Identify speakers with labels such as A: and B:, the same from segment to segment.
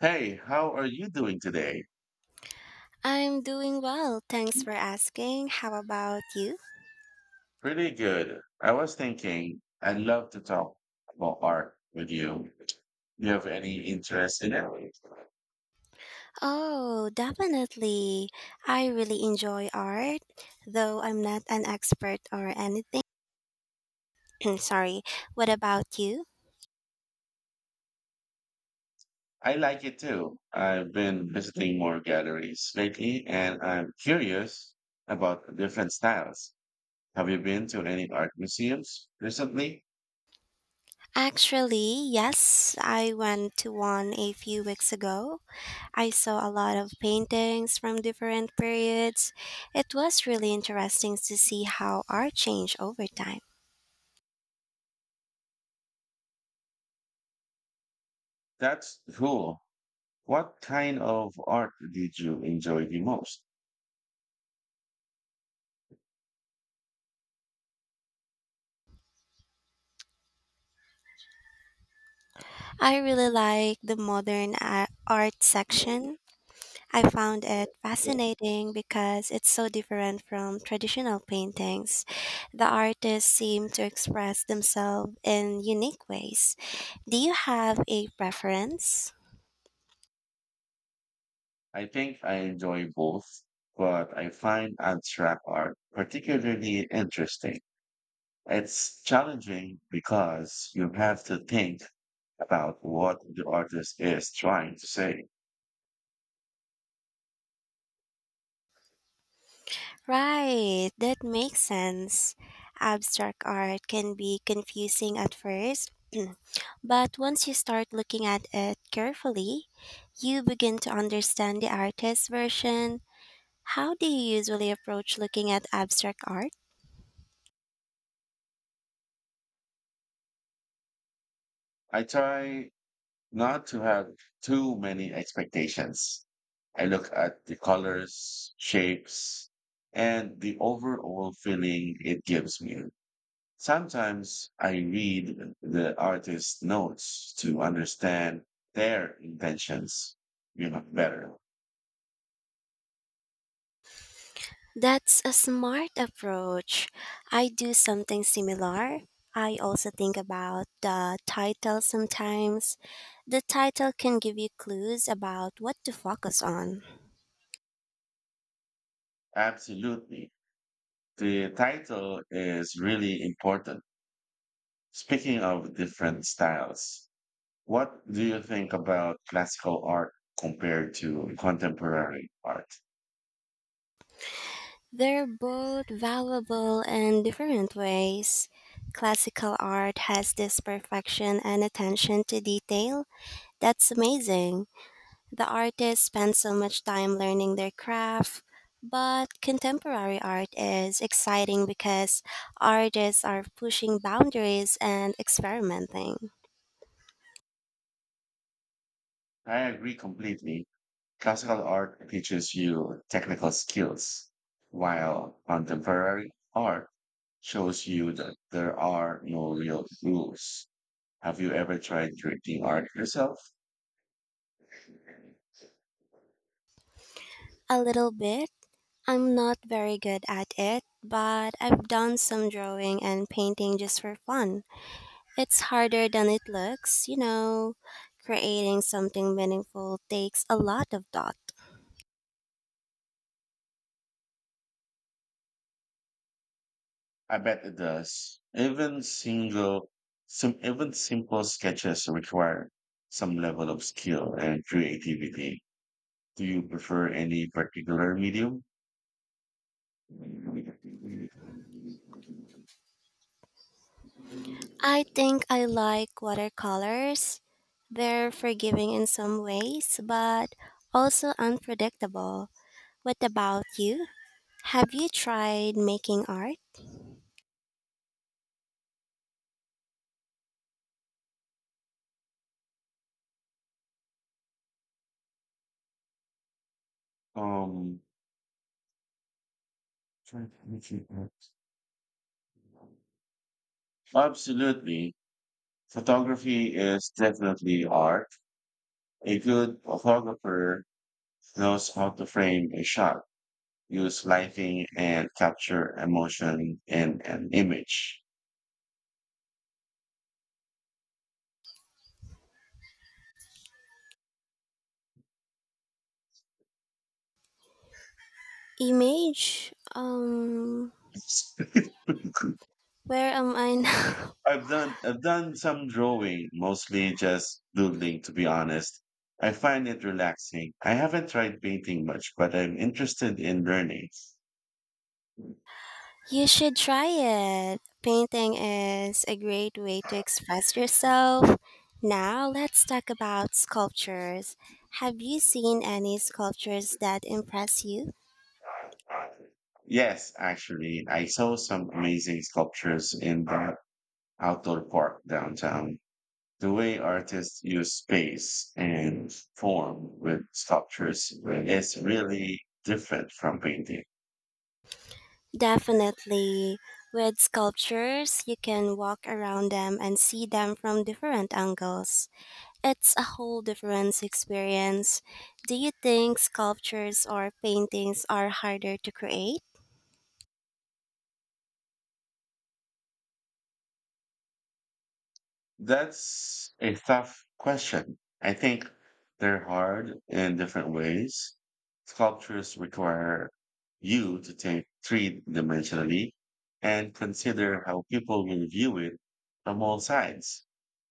A: Hey, how are you doing today?
B: I'm doing well. Thanks for asking. How about you?
A: Pretty good. I was thinking I'd love to talk about art with you. Do you have any interest in it?
B: Oh, definitely. I really enjoy art, though I'm not an expert or anything. Sorry. What about you?
A: I like it too. I've been visiting more galleries lately and I'm curious about the different styles. Have you been to any art museums recently?
B: Actually, yes, I went to one a few weeks ago. I saw a lot of paintings from different periods. It was really interesting to see how art changed over time.
A: That's cool. What kind of art did you enjoy the most?
B: I really like the art section. I found it fascinating because it's so different from traditional paintings. The artists seem to express themselves in unique ways. Do you have a preference?
A: I think I enjoy both, but I find abstract art particularly interesting. It's challenging because you have to think about what the artist is trying to say.
B: Right, that makes sense. Abstract art can be confusing at first, but once you start looking at it carefully, you begin to understand the artist's version. How do you usually approach looking at abstract art?
A: I try not to have too many expectations. I look at the colors, shapes, and the overall feeling it gives me. Sometimes I read the artist's notes to understand their intentions, you know, better.
B: That's a smart approach. I do something similar. I also think about the title sometimes. The title can give you clues about what to focus on.
A: Absolutely. The title is really important. Speaking of different styles, what do you think about classical art compared to contemporary art?
B: They're both valuable in different ways. Classical art has this perfection and attention to detail. That's amazing. The artists spend so much time learning their craft, but contemporary art is exciting because artists are pushing boundaries and experimenting.
A: I agree completely. Classical art teaches you technical skills, while contemporary art shows you that there are no real rules. Have you ever tried creating art yourself?
B: A little bit. I'm not very good at it, but I've done some drawing and painting just for fun. It's harder than it looks, you know. Creating something meaningful takes a lot of thought.
A: I bet it does. Some even simple sketches require some level of skill and creativity. Do you prefer any particular medium?
B: I think I like watercolors. They're forgiving in some ways, but also unpredictable. What about you? Have you tried making art?
A: Um, Absolutely. Photography is definitely art. A good photographer knows how to frame a shot, use lighting, and capture emotion in an image.
B: Image? Where am I now?
A: I've done some drawing, mostly just doodling, to be honest. I find it relaxing. I haven't tried painting much, but I'm interested in learning.
B: You should try it. Painting is a great way to express yourself. Now, let's talk about sculptures. Have you seen any sculptures that impress you?
A: Yes, actually, I saw some amazing sculptures in the outdoor park downtown. The way artists use space and form with sculptures is really different from painting.
B: Definitely. With sculptures, you can walk around them and see them from different angles. It's a whole different experience. Do you think sculptures or paintings are harder to create?
A: That's a tough question. I think they're hard in different ways. Sculptures require you to think three dimensionally and consider how people will view it from all sides.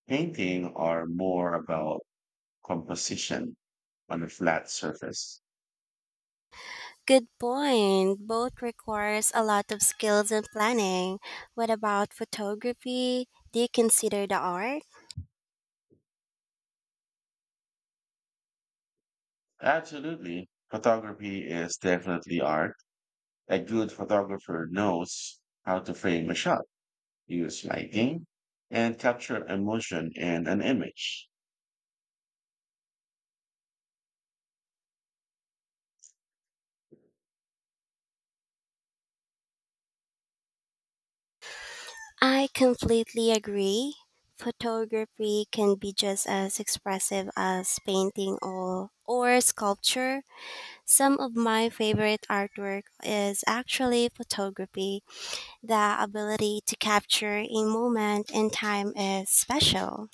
A: Painting are more about composition on a flat surface.
B: Good point. Both requires a lot of skills and planning. What about photography? Do you consider the art?
A: Absolutely. Photography is definitely art. A good photographer knows how to frame a shot, use lighting, and capture emotion in an image.
B: I completely agree. Photography can be just as expressive as painting or sculpture. Some of my favorite artwork is actually photography. The ability to capture a moment in time is special.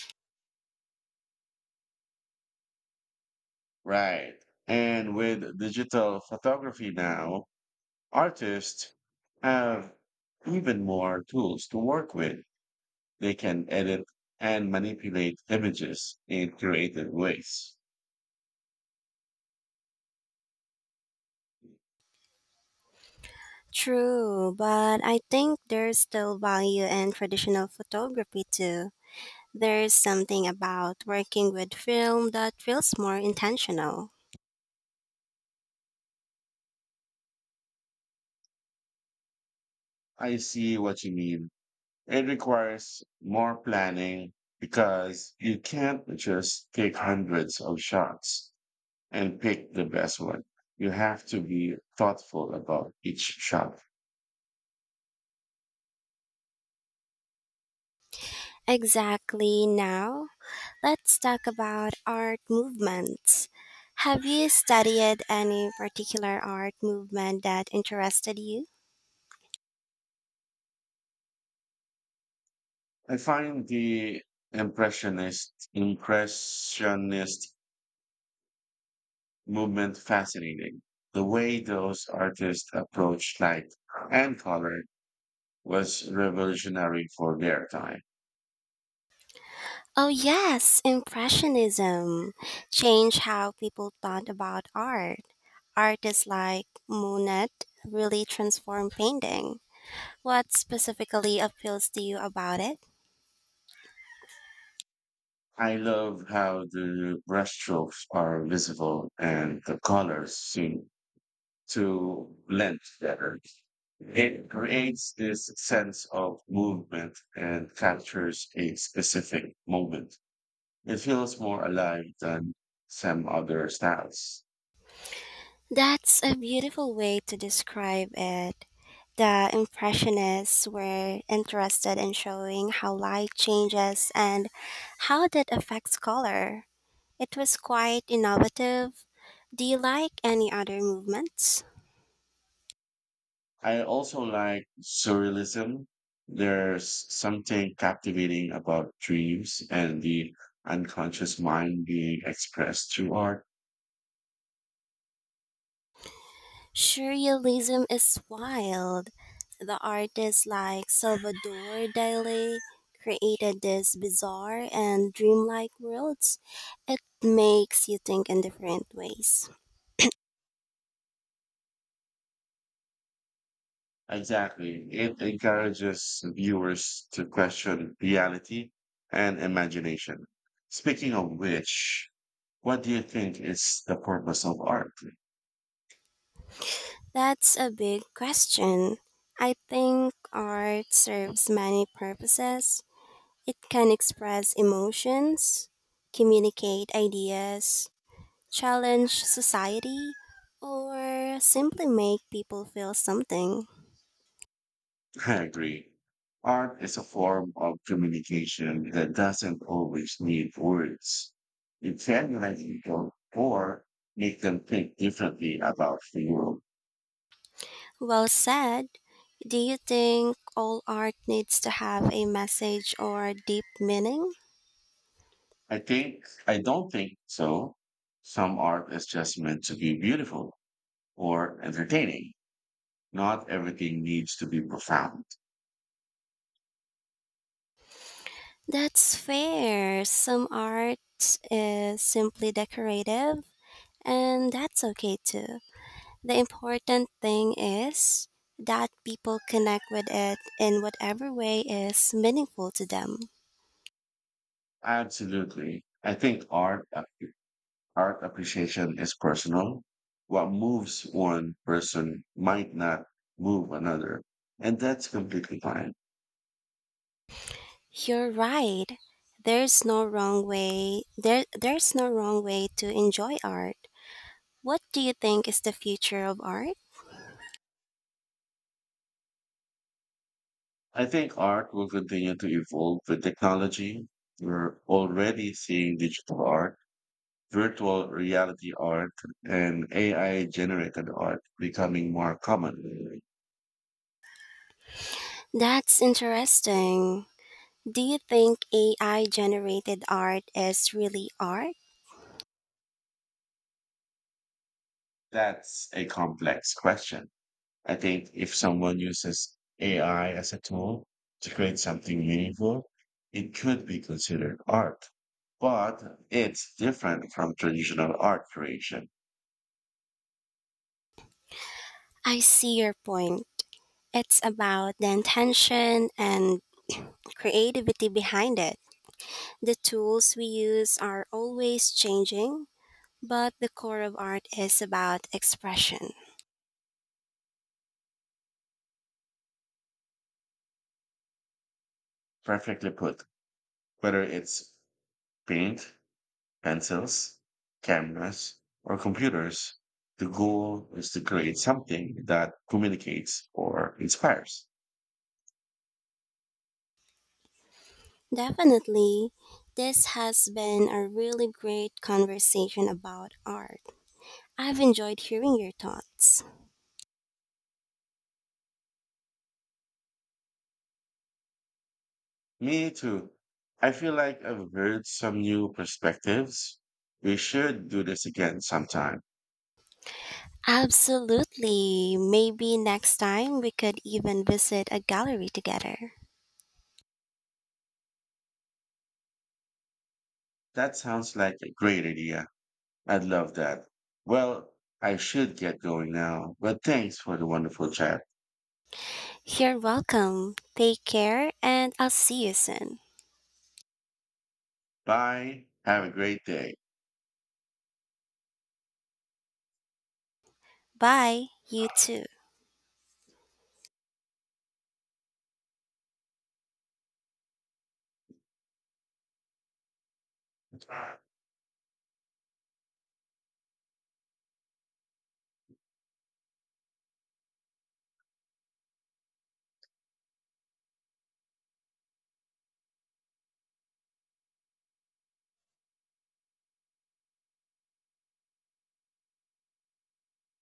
A: Right. And with digital photography now, artists have even more tools to work with. They can edit and manipulate images in creative ways.
B: True, but I think there's still value in traditional photography too. There's something about working with film that feels more intentional.
A: I see what you mean. It requires more planning because you can't just take hundreds of shots and pick the best one. You have to be thoughtful about each shot.
B: Exactly now, let's talk about art movements. Have you studied any particular art movement that interested you?
A: I find the impressionist movement fascinating. The way those artists approached light and color was revolutionary for their time.
B: Oh, yes, Impressionism changed how people thought about art. Artists like Monet really transformed painting. What specifically appeals to you about it?
A: I love how the brushstrokes are visible and the colors seem to blend together. It creates this sense of movement and captures a specific moment. It feels more alive than some other styles.
B: That's a beautiful way to describe it. The Impressionists were interested in showing how light changes and how that affects color. It was quite innovative. Do you like any other movements?
A: I also like surrealism. There's something captivating about dreams and the unconscious mind being expressed through art.
B: Surrealism is wild. The artists like Salvador Dali created these bizarre and dreamlike worlds. It makes you think in different ways.
A: Exactly. It encourages viewers to question reality and imagination. Speaking of which, what do you think is the purpose of art?
B: That's a big question. I think art serves many purposes. It can express emotions, communicate ideas, challenge society, or simply make people feel something.
A: I agree. Art is a form of communication that doesn't always need words. It can unite people or make them think differently about the world.
B: Well said. Do you think all art needs to have a message or deep meaning?
A: I think, I don't think so. Some art is just meant to be beautiful or entertaining. Not everything needs to be profound.
B: That's fair. Some art is simply decorative, and that's okay too. The important thing is that people connect with it in whatever way is meaningful to them.
A: Absolutely. I think art appreciation is personal. What moves one person might not move another, and that's completely fine.
B: You're right. There's no wrong way. There's no wrong way to enjoy art. What do you think is the future of art?
A: I think art will continue to evolve with technology. We're already seeing digital art, virtual reality art, and AI generated art becoming more common.
B: That's interesting. Do you think AI generated art is really art?
A: That's a complex question. I think if someone uses AI as a tool to create something meaningful, it could be considered art. But it's different from traditional art creation.
B: I see your point. It's about the intention and creativity behind it. The tools we use are always changing, but the core of art is about expression.
A: Perfectly put, whether it's paint, pencils, cameras, or computers, the goal is to create something that communicates or inspires.
B: Definitely, this has been a really great conversation about art. I've enjoyed hearing your thoughts.
A: Me too. I feel like I've heard some new perspectives. We should do this again sometime.
B: Absolutely. Maybe next time we could even visit a gallery together.
A: That sounds like a great idea. I'd love that. Well, I should get going now, but thanks for the wonderful chat.
B: You're welcome. Take care, and I'll see you soon.
A: Bye. Have a great day.
B: Bye. You too.